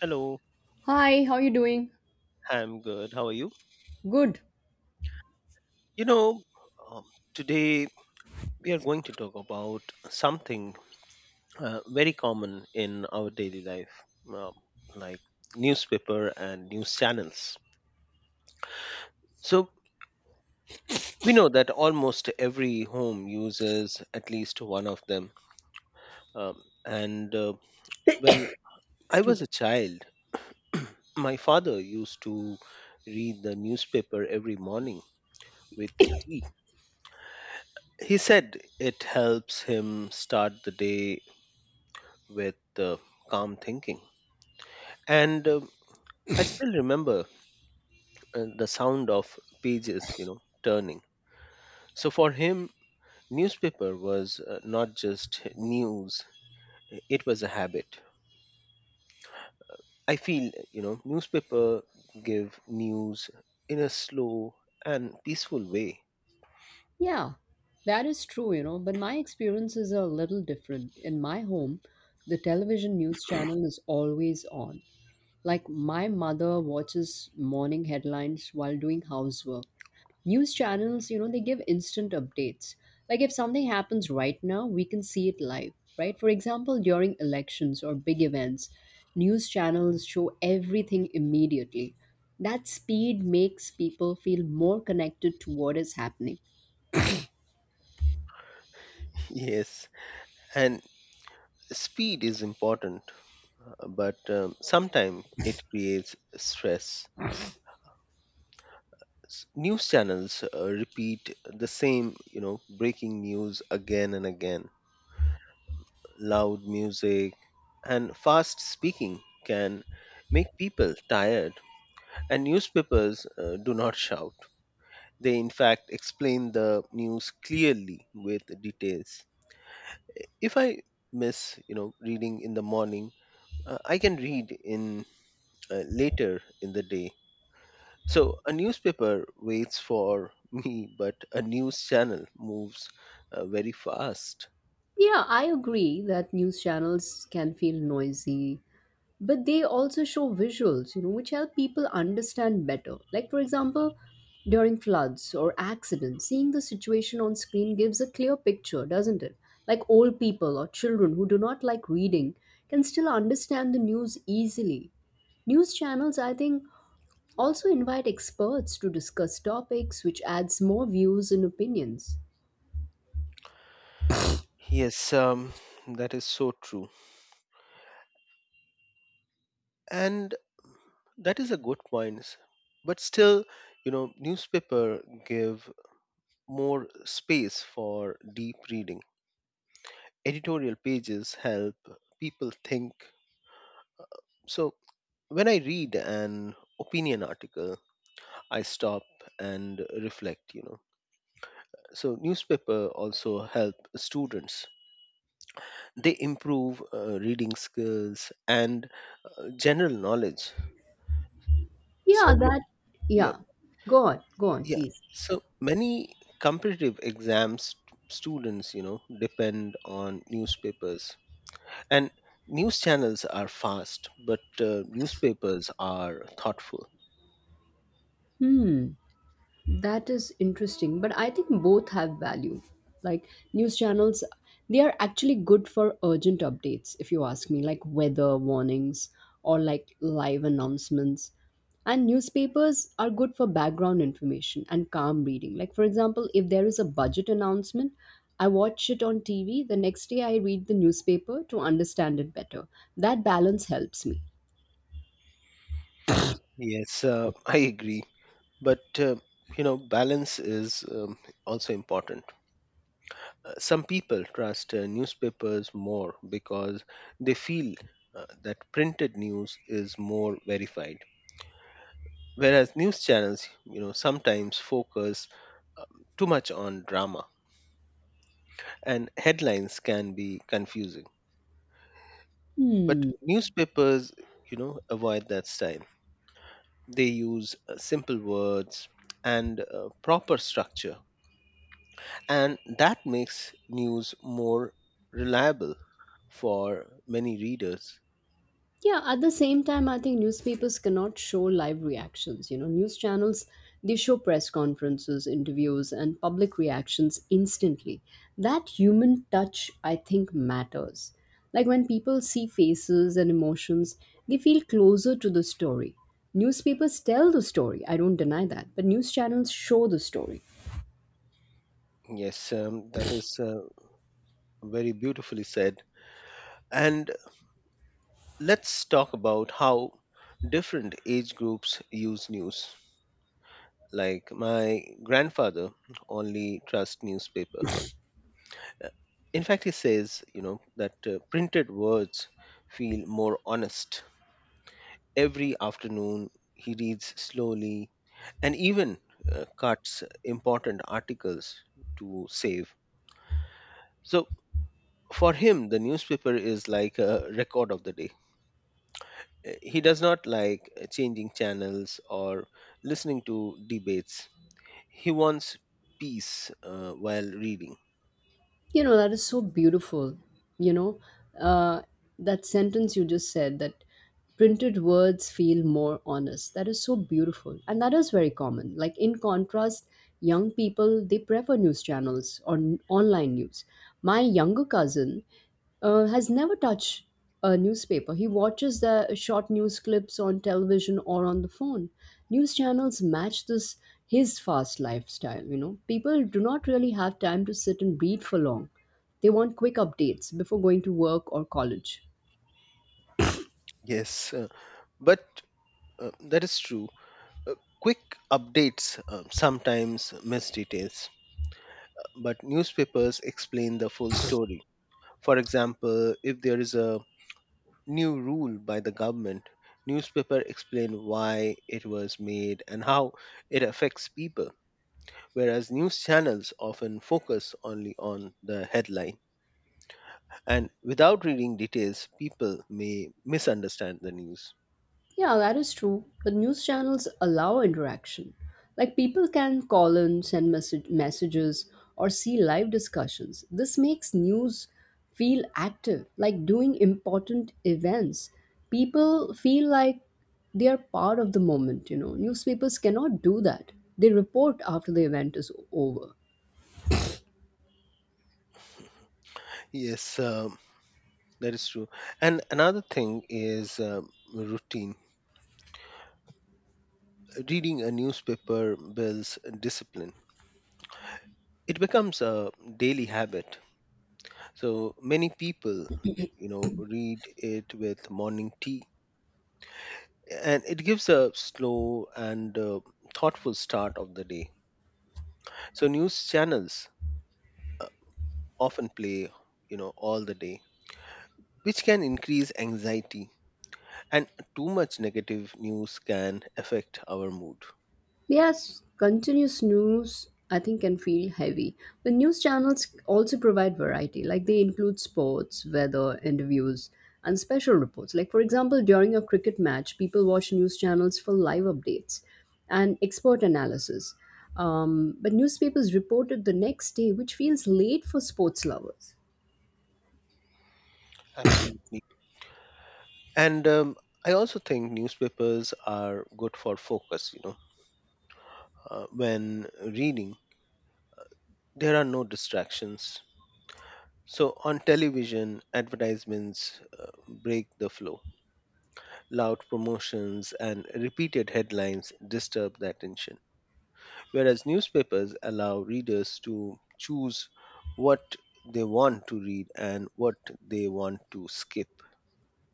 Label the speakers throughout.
Speaker 1: Hello,
Speaker 2: Hi, how are you doing?
Speaker 1: I'm good. How are you?
Speaker 2: Good.
Speaker 1: You know, um, today we are going to talk about something very common in our daily life, um, like newspaper and news channels. So, we know that almost every home uses at least one of them. And when I
Speaker 2: Excuse
Speaker 1: was
Speaker 2: me.
Speaker 1: a child, my father used to read the newspaper every morning with tea. He said it helps him start the day with calm thinking. And I still remember the sound of pages turning. So for him, newspaper was not just news, it was a habit. I feel, newspaper give news in a slow and peaceful way.
Speaker 2: Yeah, that is true, but my experience is a little different. In my home, the television news channel is always on. Like my mother watches morning headlines while doing housework. News channels, they give instant updates. Like if something happens right now, we can see it live, right? For example, during elections or big events, news channels show everything immediately. That speed makes people feel more connected to what is happening.
Speaker 1: Yes, and speed is important, but sometimes it creates stress. News channels repeat the same, breaking news again and again. Loud music and fast speaking can make people tired, and newspapers do not shout. They, in fact, explain the news clearly with details. If I miss, reading in the morning, I can read in later in the day. So a newspaper waits for me, but a news channel moves very fast.
Speaker 2: Yeah, I agree that news channels can feel noisy, but they also show visuals, which help people understand better. Like, for example, during floods or accidents, seeing the situation on screen gives a clear picture, doesn't it? Like old people or children who do not like reading can still understand the news easily. News channels, I think, also invite experts to discuss topics, which adds more views and opinions.
Speaker 1: Yes, that is so true. And that is a good point. But still, you know, newspaper give more space for deep reading. Editorial pages help people think. So when I read an opinion article, I stop and reflect. So newspaper also help students. They improve reading skills and general knowledge. So
Speaker 2: Yeah,
Speaker 1: m-
Speaker 2: that.
Speaker 1: yeah,
Speaker 2: Yeah, go on, go on,
Speaker 1: yeah.
Speaker 2: please.
Speaker 1: So many competitive exams students, you know, depend on newspapers, and news channels are fast, but newspapers are thoughtful.
Speaker 2: Hmm. That is interesting, but I think both have value. Like news channels, they are actually good for urgent updates, if you ask me, like weather warnings or like live announcements. And newspapers are good for background information and calm reading. Like, for example, if there is a budget announcement, I watch it on TV. The next day, I read the newspaper to understand it better. That balance helps me.
Speaker 1: Yes, I agree. But you know, balance is also important. Some people trust newspapers more because they feel that printed news is more verified, whereas news channels, you know, sometimes focus um, too much on drama, and headlines can be confusing, but
Speaker 2: Hmm.
Speaker 1: newspapers, you know, avoid that style. They use simple words and proper structure, and that makes news more reliable for many readers.
Speaker 2: Yeah, at the same time, I think newspapers cannot show live reactions. News channels, they show press conferences, interviews, and public reactions instantly. That human touch, I think, matters. Like when people see faces and emotions, they feel closer to the story. Newspapers tell the story, I don't deny that, but news channels show the story.
Speaker 1: Yes, that is very beautifully said. And let's talk about how different age groups use news. Like my grandfather only trusts newspaper. In fact, he says, you know, that printed words feel more honest. Every afternoon, he reads slowly and even cuts important articles to save. So for him, the newspaper is like a record of the day. He does not like changing channels or listening to debates. He wants peace while reading.
Speaker 2: That is so beautiful. You know, uh, that sentence you just said that printed words feel more honest. That is so beautiful. And that is very common. Like, in contrast, young people, they prefer news channels or online news. My younger cousin, has never touched a newspaper. He watches the short news clips on television or on the phone. News channels match this his fast lifestyle. People do not really have time to sit and read for long. They want quick updates before going to work or college.
Speaker 1: Yes, but that is true. Uh, Quick updates sometimes miss details, but newspapers explain the full story. For example, if there is a new rule by the government, newspaper explain why it was made and how it affects people, whereas news channels often focus only on the headline. And without reading details, people may misunderstand the news.
Speaker 2: Yeah, that is true. But news channels allow interaction. Like people can call in, send messages, or see live discussions. This makes news feel active, like doing important events. People feel like they are part of the moment. Newspapers cannot do that. They report after the event is over.
Speaker 1: Yes, that is true. And another thing is routine. Reading a newspaper builds discipline, it becomes a daily habit. So many people, you know, read it with morning tea. And it gives a slow and thoughtful start of the day. So, news channels often play, you know, all the day, which can increase anxiety. And too much negative news can affect our mood.
Speaker 2: Yes, continuous news I think can feel heavy. But news channels also provide variety, like they include sports, weather, interviews, and special reports. Like for example, during a cricket match, people watch news channels for live updates and expert analysis. But newspapers reported the next day, which feels late for sports lovers.
Speaker 1: Absolutely. And I also think newspapers are good for focus, you know, when reading, there are no distractions. So on television, advertisements break the flow. Loud promotions and repeated headlines disturb the attention, whereas newspapers allow readers to choose what they want to read and what they want to skip.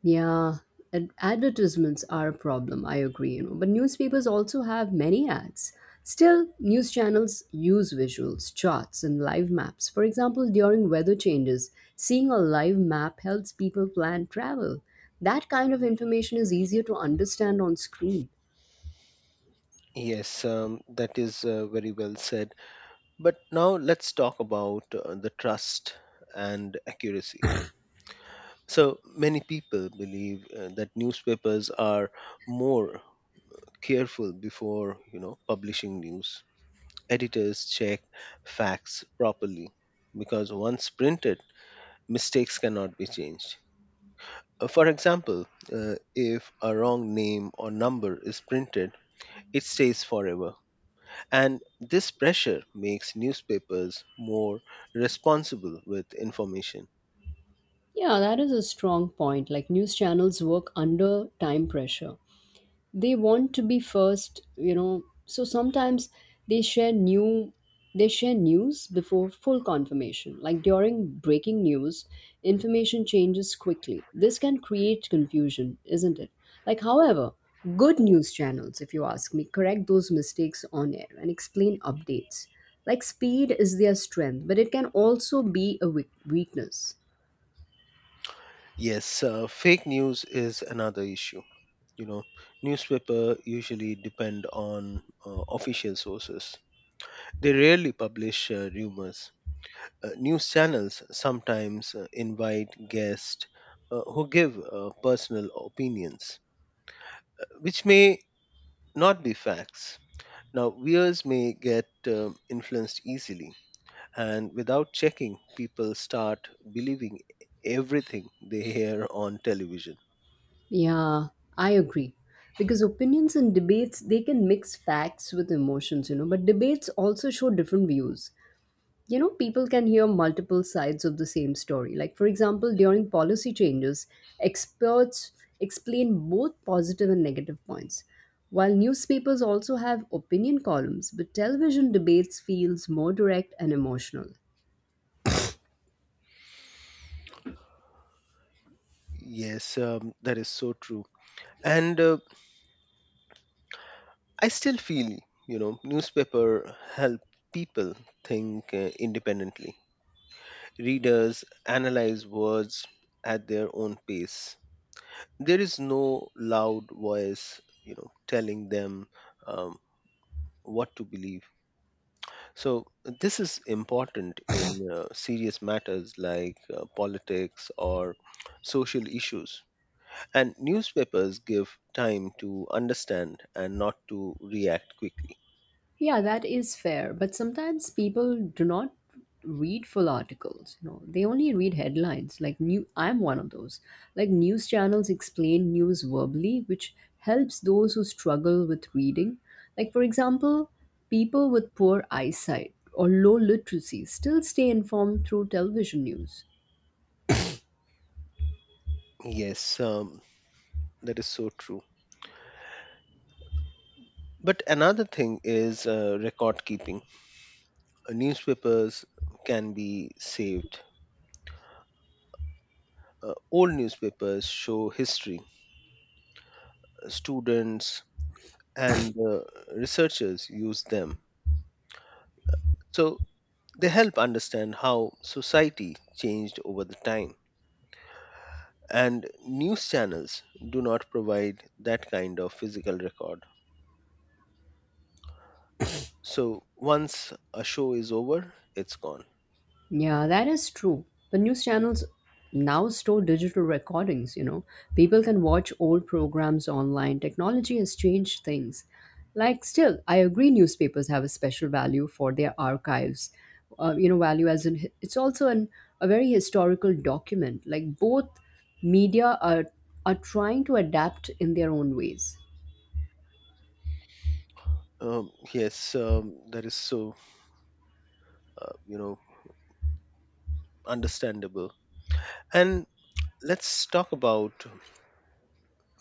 Speaker 2: Yeah, advertisements are a problem, I agree. But newspapers also have many ads. Still, news channels use visuals, charts, and live maps. For example, during weather changes, seeing a live map helps people plan travel. That kind of information is easier to understand on screen.
Speaker 1: Yes, that is very well said. But now let's talk about the trust and accuracy. So many people believe that newspapers are more careful before, you know, publishing news. Editors check facts properly because once printed, mistakes cannot be changed. For example, if a wrong name or number is printed, it stays forever. And this pressure makes newspapers more responsible with information.
Speaker 2: Yeah, that is a strong point. Like news channels work under time pressure. They want to be first, so sometimes they share new they share news before full confirmation. Like during breaking news, information changes quickly. This can create confusion, isn't it? Like, however, good news channels, if you ask me, correct those mistakes on air and explain updates. Like speed is their strength, but it can also be a weakness.
Speaker 1: Yes, fake news is another issue. You know, newspaper usually depend on official sources. They rarely publish rumors. News channels sometimes invite guests who give personal opinions which may not be facts. Now, viewers may get influenced easily, and without checking, people start believing everything they hear on television.
Speaker 2: Yeah, I agree. Because opinions and debates, they can mix facts with emotions, but debates also show different views. People can hear multiple sides of the same story. Like, for example, during policy changes, experts explain both positive and negative points. While newspapers also have opinion columns, but television debates feels more direct and emotional.
Speaker 1: Yes, that is so true. And I still feel, you know, newspaper help people think independently. Readers analyze words at their own pace. There is no loud voice, you know, telling them um, what to believe. So, this is important in serious matters like politics or social issues. And newspapers give time to understand and not to react quickly.
Speaker 2: Yeah, that is fair, but sometimes people do not read full articles. They only read headlines. Like new I'm one of those. Like news channels explain news verbally, which helps those who struggle with reading. Like for example, people with poor eyesight or low literacy still stay informed through television news.
Speaker 1: Yes, that is so true. But another thing is record keeping. Newspapers can be saved. Old newspapers show history. Students and researchers use them. So they help understand how society changed over the time, and news channels do not provide that kind of physical record. So once a show is over, it's gone.
Speaker 2: Yeah, that is true. The news channels now store digital recordings. People can watch old programs online. Technology has changed things. Like, still, I agree newspapers have a special value for their archives. Value as in it's also a very historical document. Like, both media are trying to adapt in their own ways.
Speaker 1: Yes, that is so uh, you know understandable. And let's talk about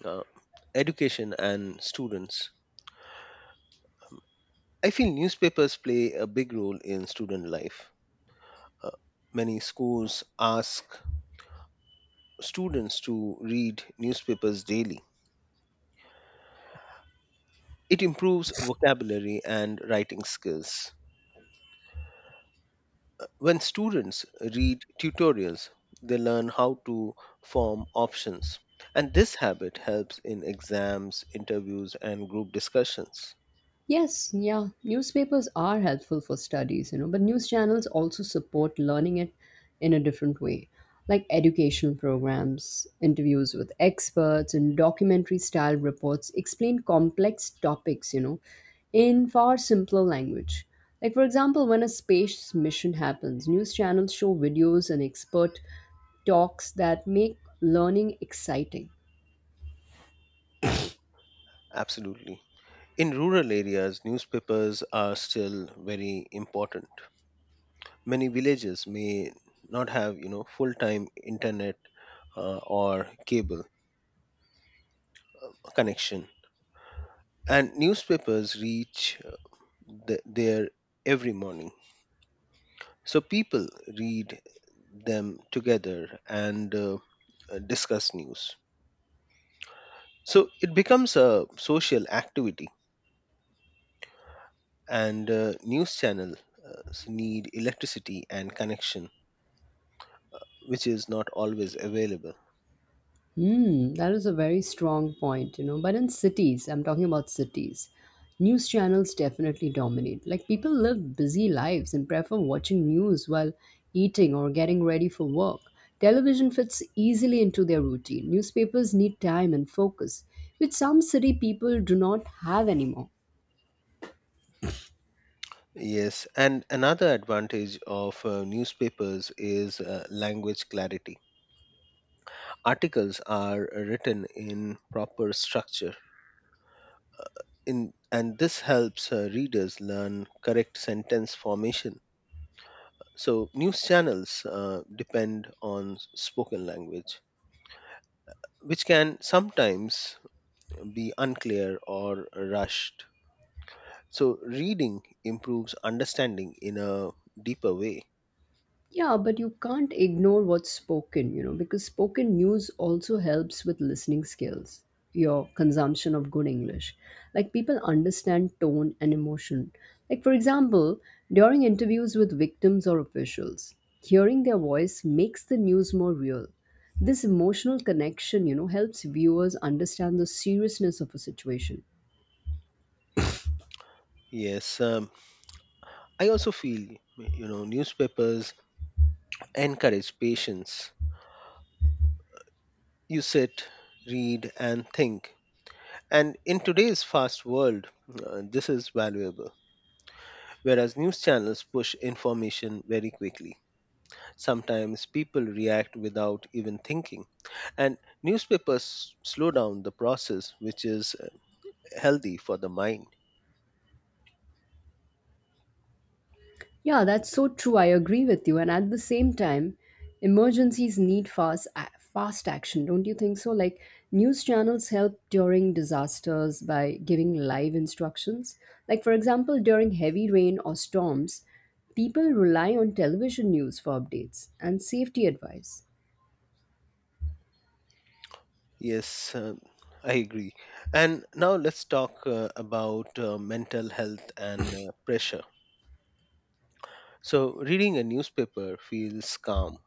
Speaker 1: uh, education and students. I feel newspapers play a big role in student life. Uh, Many schools ask students to read newspapers daily. It improves vocabulary and writing skills. When students read tutorials, they learn how to form options, and this habit helps in exams, interviews, and group discussions.
Speaker 2: Yes, yeah, newspapers are helpful for studies, but news channels also support learning it in a different way, like educational programs, interviews with experts, and documentary style reports explain complex topics, in far simpler language. Like, for example, when a space mission happens, news channels show videos and expert talks that make learning exciting.
Speaker 1: Absolutely. In rural areas, newspapers are still very important. Many villages may not have, you know, full-time internet or cable connection, and newspapers reach the, there every morning. So people read them together and discuss news. So it becomes a social activity, and news channels uh, need electricity and connection, which is not always available.
Speaker 2: Hmm, that is a very strong point. But in cities, I'm talking about cities, news channels definitely dominate. Like people live busy lives and prefer watching news while eating or getting ready for work. Television fits easily into their routine. Newspapers need time and focus, which some city people do not have anymore.
Speaker 1: Yes, and another advantage of newspapers is language clarity. Articles are written in proper structure, in, and this helps readers learn correct sentence formation. So, news channels depend on spoken language, which can sometimes be unclear or rushed. So, reading improves understanding in a deeper way.
Speaker 2: Yeah, but you can't ignore what's spoken, because spoken news also helps with listening skills, your consumption of good English. Like people understand tone and emotion. Like, for example, during interviews with victims or officials, hearing their voice makes the news more real. This emotional connection, helps viewers understand the seriousness of a situation.
Speaker 1: Yes, I also feel, you know, newspapers encourage patience. You sit, read, and think. And in today's fast world, this is valuable, whereas news channels push information very quickly. Sometimes people react without even thinking, and newspapers slow down the process, which is healthy for the mind.
Speaker 2: Yeah, that's so true. I agree with you. And at the same time, emergencies need fast fast action, don't you think so? Like news channels help during disasters by giving live instructions. Like for example, during heavy rain or storms, people rely on television news for updates and safety advice.
Speaker 1: Yes, I agree. And now let's talk about mental health and pressure. So, reading a newspaper feels calm.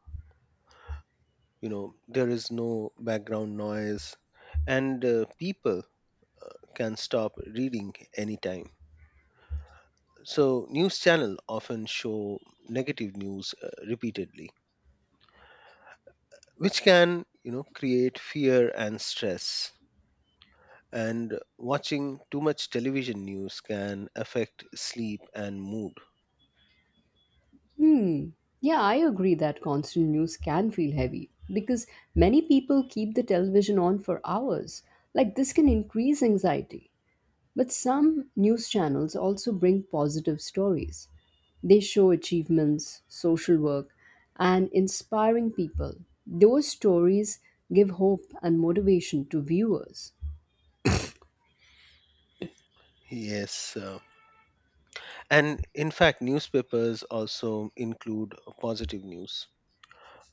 Speaker 1: You know, there is no background noise, and people can stop reading anytime. So, news channel often show negative news repeatedly, which can, you know, create fear and stress, and watching too much television news can affect sleep and mood.
Speaker 2: Hmm. Yeah, I agree that constant news can feel heavy because many people keep the television on for hours. Like this can increase anxiety. But some news channels also bring positive stories. They show achievements, social work, and inspiring people. Those stories give hope and motivation to viewers.
Speaker 1: Yes, and in fact newspapers also include positive news,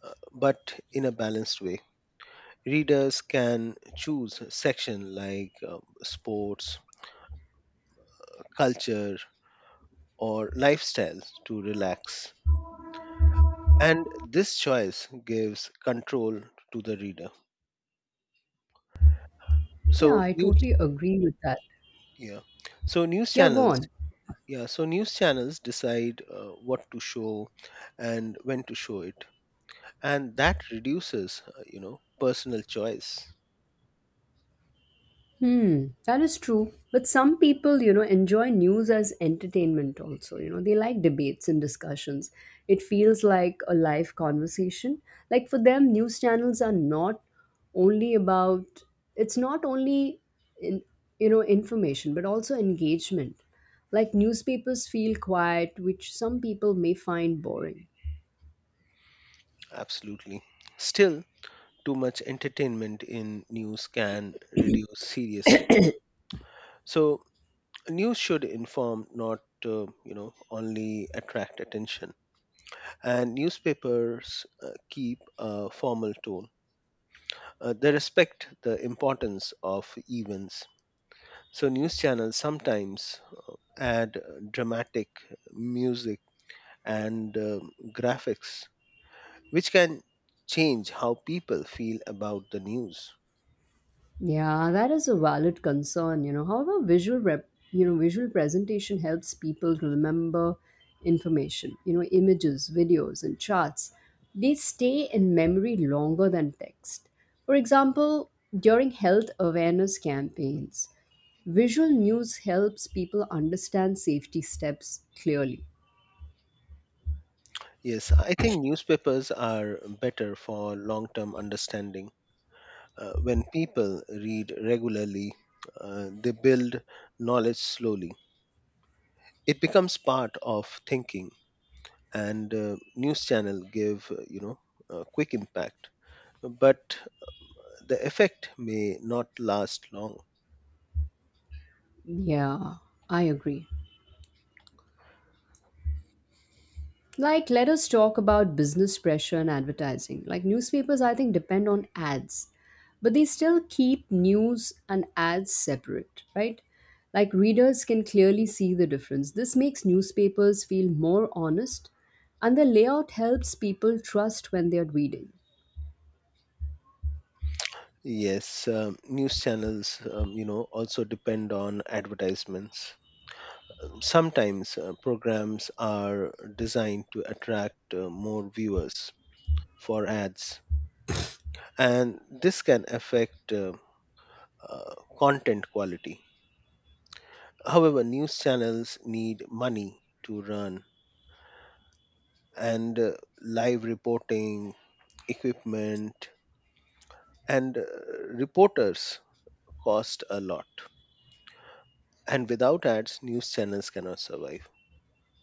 Speaker 1: but in a balanced way. Readers can choose a section like sports, culture, or lifestyle to relax, and this choice gives control to the reader.
Speaker 2: Yeah,
Speaker 1: So
Speaker 2: I
Speaker 1: news.
Speaker 2: totally agree with that.
Speaker 1: Yeah. So news
Speaker 2: Yeah, go
Speaker 1: channels,
Speaker 2: on.
Speaker 1: yeah, so news channels decide what to show and when to show it. And that reduces, personal choice.
Speaker 2: Hmm, that is true. But some people, enjoy news as entertainment also. They like debates and discussions. It feels like a live conversation. Like for them, news channels are not only about, it's not only, in, information, but also engagement. Like newspapers feel quiet, which some people may find boring.
Speaker 1: Absolutely. Still, too much entertainment in news can reduce seriousness. So news should inform, not only attract attention, and newspapers keep a formal tone. They respect the importance of events. So news channels sometimes add dramatic music and graphics, which can change how people feel about the news.
Speaker 2: Yeah, that is a valid concern. However, visual rep, you know, visual presentation helps people remember information. Images, videos, and charts, they stay in memory longer than text. For example, during health awareness campaigns, visual news helps people understand safety steps clearly.
Speaker 1: Yes, I think newspapers are better for long term understanding. When people read regularly, they build knowledge slowly. It becomes part of thinking, and news channel give a quick impact. But the effect may not last long.
Speaker 2: Yeah, I agree. Like, let us talk about business pressure and advertising. Like, newspapers, I think, depend on ads, but they still keep news and ads separate, right? Like, readers can clearly see the difference. This makes newspapers feel more honest, and the layout helps people trust when they're reading.
Speaker 1: Yes, news channels also depend on advertisements. Sometimes programs are designed to attract more viewers for ads, and this can affect content quality. However, news channels need money to run, and live reporting, equipment, and reporters cost a lot. And without ads, news channels cannot survive.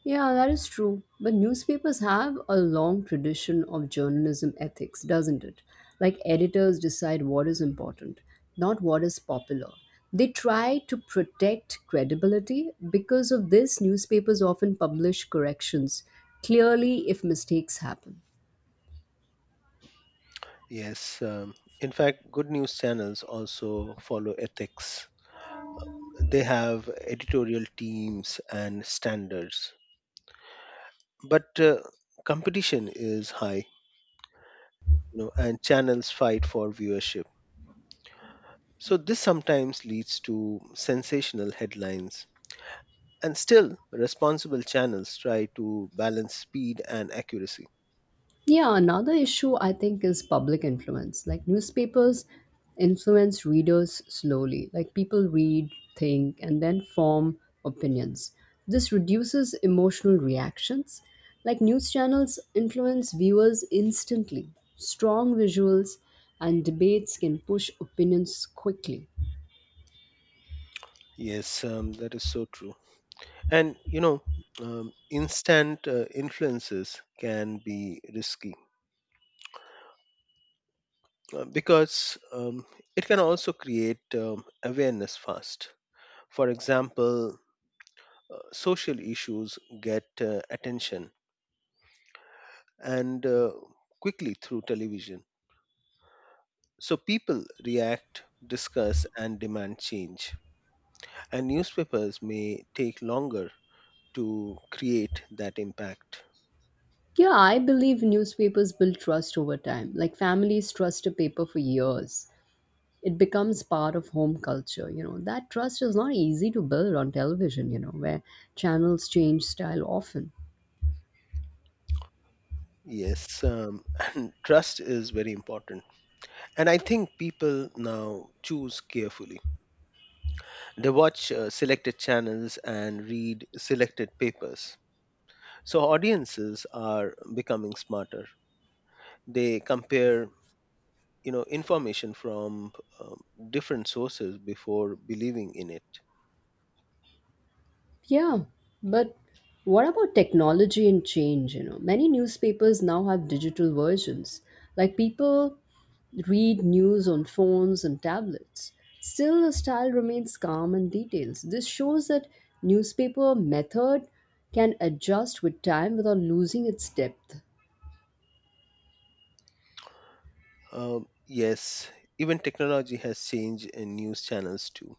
Speaker 2: Yeah, that is true. But newspapers have a long tradition of journalism ethics, doesn't it? Like editors decide what is important, not what is popular. They try to protect credibility. Because of this, newspapers often publish corrections clearly if mistakes happen.
Speaker 1: Yes, in fact, good news channels also follow ethics. They have editorial teams and standards. But competition is high, you know, and channels fight for viewership. So this sometimes leads to sensational headlines. And still, responsible channels try to balance speed and accuracy.
Speaker 2: Yeah, another issue I think is public influence. Like newspapers influence readers slowly. Like people read, think, and then form opinions. This reduces emotional reactions. Like news channels influence viewers instantly. Strong visuals and debates can push opinions quickly.
Speaker 1: Yes, that is so true. And you know, instant influences can be risky because it can also create awareness fast. For example, social issues get attention and quickly through television. So people react, discuss, and demand change. And newspapers may take longer to create that impact.
Speaker 2: Yeah, I believe newspapers build trust over time. Like families trust a paper for years. It becomes part of home culture. That trust is not easy to build on television, where channels change style often.
Speaker 1: Yes, and trust is very important. And I think people now choose carefully. They watch selected channels and read selected papers. So audiences are becoming smarter. They compare, information from um, different sources before believing in it.
Speaker 2: Yeah, but what about technology and change? Many newspapers now have digital versions. Like people read news on phones and tablets. Still, the style remains calm and details. This shows that newspaper method can adjust with time without losing its depth.
Speaker 1: Yes, even technology has changed in news channels too.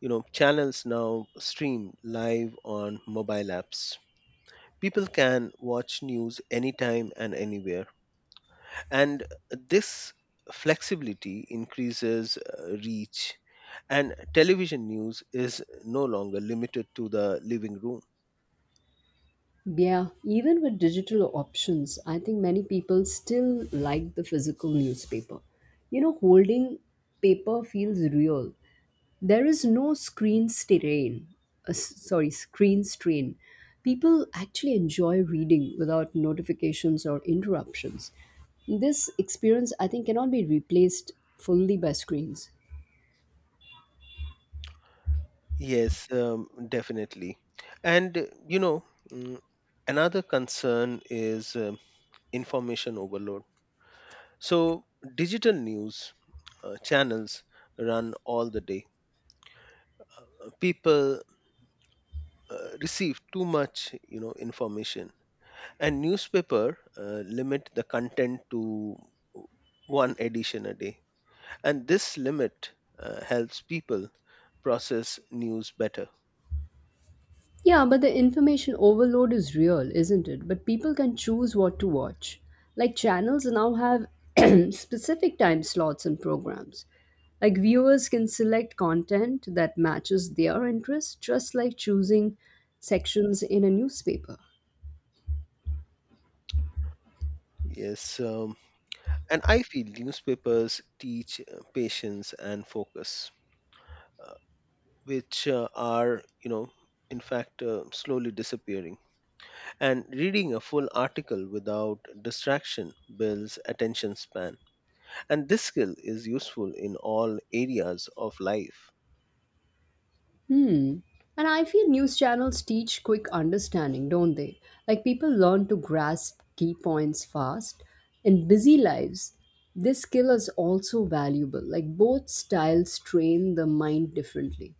Speaker 1: You know, channels now stream live on mobile apps. People can watch news anytime and anywhere, and this flexibility increases reach, and television news is no longer limited to the living room.
Speaker 2: Yeah, even with digital options, I think many people still like the physical newspaper. Holding paper feels real. There is no screen strain. Sorry, screen strain. People actually enjoy reading without notifications or interruptions. This experience, I think, cannot be replaced fully by screens.
Speaker 1: Yes, definitely. And mm, another concern is information overload. So digital news channels run all the day. People receive too much, information. And newspaper limit the content to one edition a day. And this limit helps people process news better.
Speaker 2: Yeah, but the information overload is real, isn't it? But people can choose what to watch. Like channels now have specific time slots and programs. Like viewers can select content that matches their interest, just like choosing sections in a newspaper.
Speaker 1: Yes, and I feel newspapers teach patience and focus, uh, which are, slowly disappearing. And reading a full article without distraction builds attention span. And this skill is useful in all areas of life.
Speaker 2: Hmm. And I feel news channels teach quick understanding, don't they? Like people learn to grasp key points fast. In busy lives, this skill is also valuable. Like both styles train the mind differently.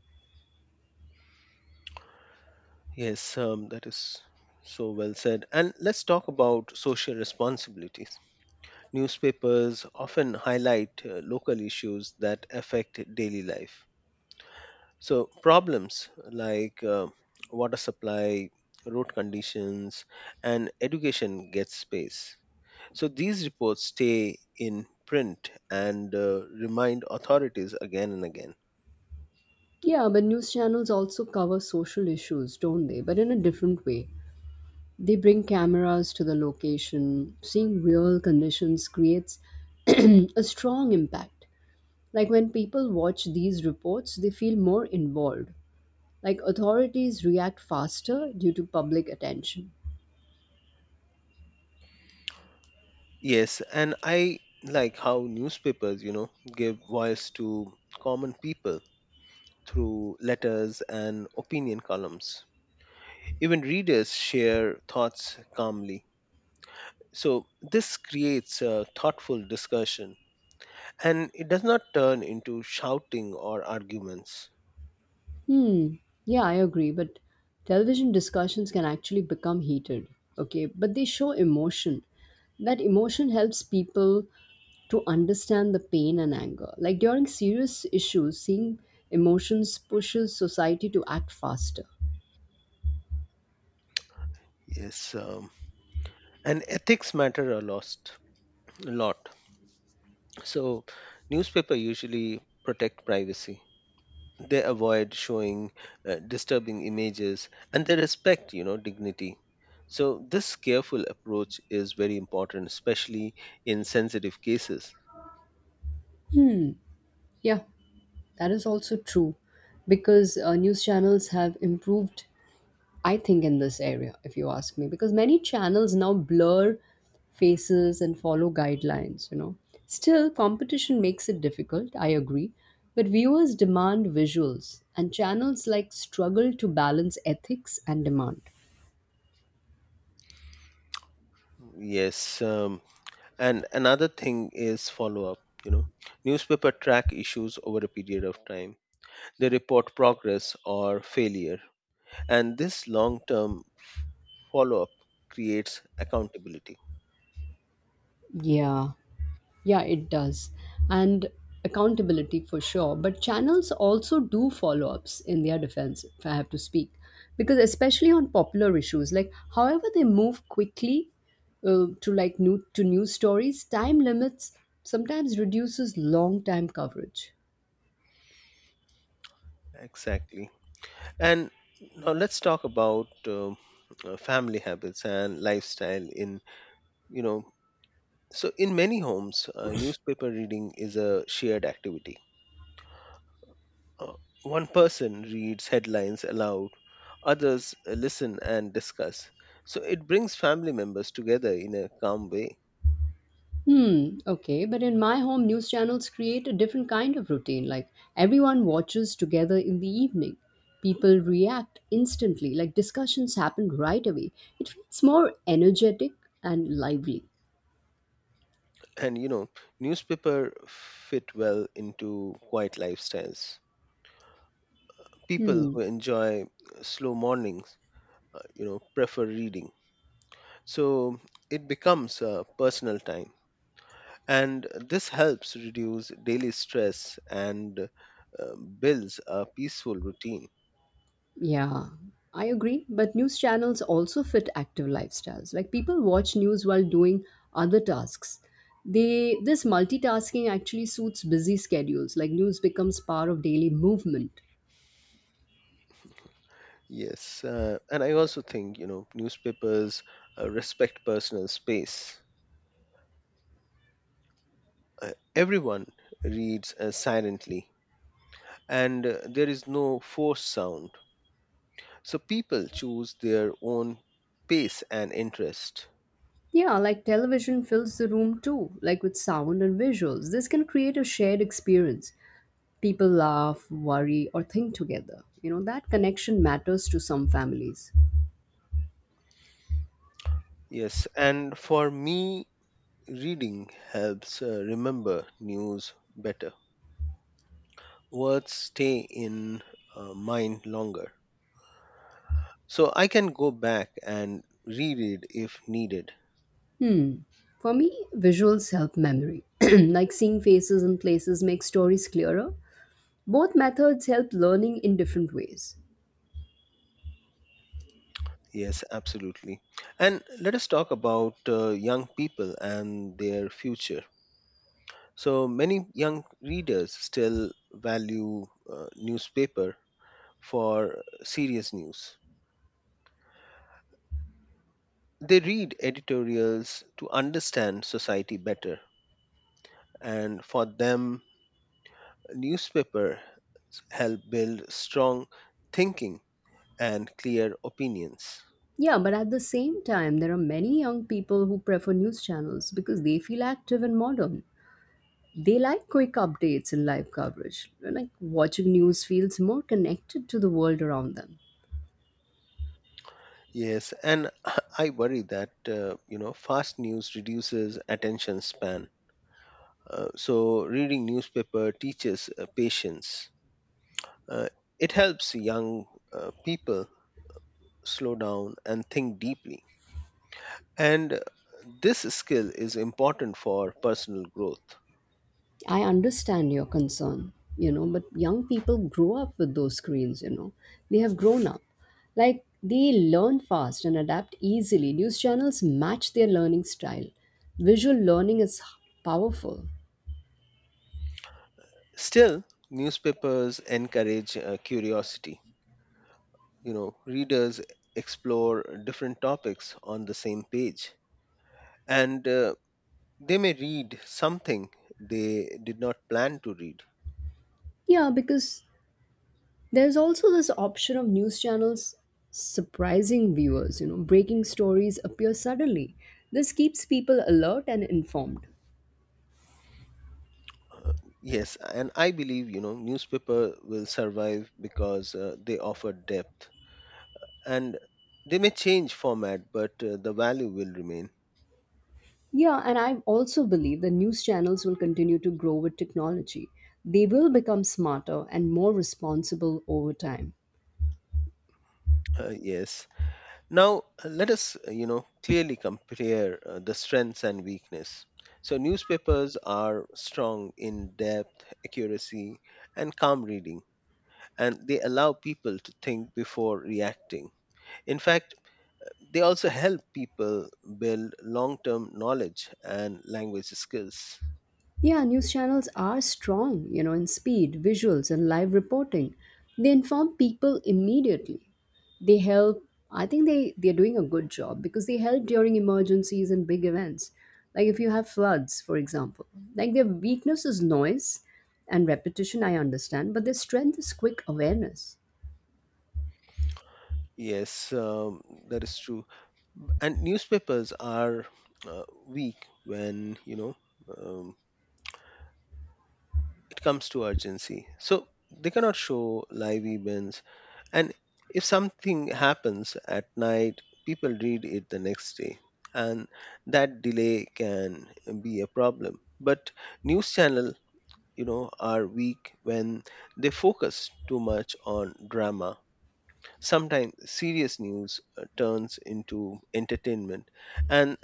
Speaker 1: Yes, that is so well said. And let's talk about social responsibilities. Newspapers often highlight local issues that affect daily life. So, problems like water supply, road conditions, and education get space. So, these reports stay in print and remind authorities again and again.
Speaker 2: Yeah, but news channels also cover social issues, don't they? But in a different way. They bring cameras to the location. Seeing real conditions creates a strong impact. Like when people watch these reports, they feel more involved. Like authorities react faster due to public attention.
Speaker 1: Yes, and I like how newspapers, give voice to common people through letters and opinion columns. Even readers share thoughts calmly. So, this creates a thoughtful discussion, and it does not turn into shouting or arguments.
Speaker 2: Hmm, yeah, I agree, but television discussions can actually become heated, okay? But they show emotion. That emotion helps people to understand the pain and anger. Like during serious issues, seeing emotions pushes society to act faster.
Speaker 1: Yes, and ethics matter a lot. A lot. So, newspaper usually protect privacy. They avoid showing disturbing images, and they respect, dignity. So this careful approach is very important, especially in sensitive cases.
Speaker 2: Yeah, that is also true because news channels have improved, I think, in this area, if you ask me, because many channels now blur faces and follow guidelines, you know. Still, competition makes it difficult, I agree, but viewers demand visuals, and channels like struggle to balance ethics and demand.
Speaker 1: Yes, and another thing is follow up. You know, newspaper track issues over a period of time. They report progress or failure, and this long term follow up creates accountability.
Speaker 2: Yeah, yeah, it does. And accountability for sure. But channels also do follow ups in their defense, if I have to speak. Because, especially on popular issues, like however they move quickly to like news stories, time limits sometimes reduces long time coverage.
Speaker 1: Exactly. And now let's talk about family habits and lifestyle in, you know, so in many homes, newspaper reading is a shared activity. Uh, one person reads headlines aloud, others listen and discuss. So it brings family members together in a calm way.
Speaker 2: Hmm, okay, but in my home, news channels create a different kind of routine. Like everyone watches together in the evening. People react instantly, like discussions happen right away. It feels more energetic and lively.
Speaker 1: And, newspaper fit well into quiet lifestyles. People
Speaker 2: Hmm,
Speaker 1: who enjoy slow mornings, prefer reading. So it becomes a personal time. And this helps reduce daily stress and builds a peaceful routine.
Speaker 2: yeah, I agree. But news channels also fit active lifestyles. Like people watch news while doing other tasks. They this multitasking actually suits busy schedules. Like news becomes part of daily movement.
Speaker 1: Yes. And I also think, newspapers respect personal space. Everyone reads silently, and there is no forced sound. So people choose their own pace and interest.
Speaker 2: Yeah, like television fills the room too, like with sound and visuals. This can create a shared experience. People laugh, worry, or think together. You know, that connection matters to some families.
Speaker 1: Yes. And for me, reading helps remember news better. Words stay in mind longer. So I can go back and reread if needed.
Speaker 2: For me, visuals help memory. Like seeing faces and places make stories clearer. Both methods help learning in different ways.
Speaker 1: Yes, absolutely. And let us talk about young people and their future. So many young readers still value newspaper for serious news. They read editorials to understand society better, and for them, newspaper help build strong thinking and clear opinions.
Speaker 2: Yeah, but at the same time, there are many young people who prefer news channels because they feel active and modern. They like quick updates and live coverage. Like watching news feels more connected to the world around them.
Speaker 1: Yes, and I worry that fast news reduces attention span. So reading newspaper teaches patience. Uh, it helps young people slow down and think deeply. And this skill is important for personal growth.
Speaker 2: I understand your concern, you know, but young people grow up with those screens, you know. They have grown up. Like they learn fast and adapt easily. News channels match their learning style. Visual learning is powerful.
Speaker 1: Still, newspapers encourage curiosity. Readers explore different topics on the same page, and they may read something they did not plan to read.
Speaker 2: Yeah, because there's also this option of news channels surprising viewers, you know, breaking stories appear suddenly. This keeps people alert and informed.
Speaker 1: Uh, yes, and I believe, newspaper will survive because they offer depth, and they may change format, but the value will remain.
Speaker 2: Yeah, and I also believe that news channels will continue to grow with technology. They will become smarter and more responsible over time.
Speaker 1: Yes. Now, let us, clearly compare the strengths and weakness. So, newspapers are strong in depth, accuracy, and calm reading, and they allow people to think before reacting. In fact, they also help people build long term knowledge and language skills.
Speaker 2: Yeah, news channels are strong, you know, in speed, visuals, and live reporting. They inform people immediately. They help. I think they're doing a good job because they help during emergencies and big events. Like if you have floods, for example. Like their weakness is noise and repetition, I understand, but their strength is quick awareness.
Speaker 1: Yes, that is true. And newspapers are weak when, um, it comes to urgency. So they cannot show live events. And if something happens at night, people read it the next day. And that delay can be a problem. But news channel, are weak when they focus too much on drama. Sometimes serious news turns into entertainment, and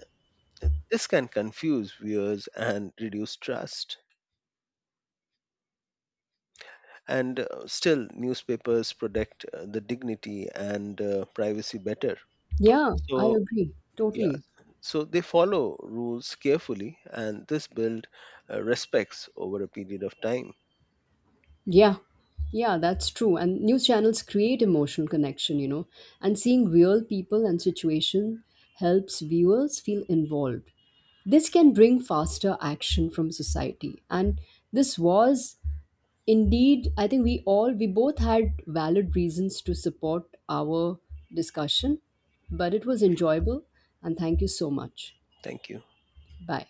Speaker 1: this can confuse viewers and reduce trust. And still, newspapers protect the dignity and privacy better.
Speaker 2: Yeah, I
Speaker 1: So,
Speaker 2: agree.
Speaker 1: yeah,
Speaker 2: Totally.
Speaker 1: so they follow rules carefully, and this build respects over a period of time.
Speaker 2: Yeah, yeah, that's true. And news channels create emotional connection, you know, and seeing real people and situation helps viewers feel involved. This can bring faster action from society. And this was indeed, I think we both had valid reasons to support our discussion, but it was enjoyable. And thank you so much.
Speaker 1: Thank you.
Speaker 2: Bye.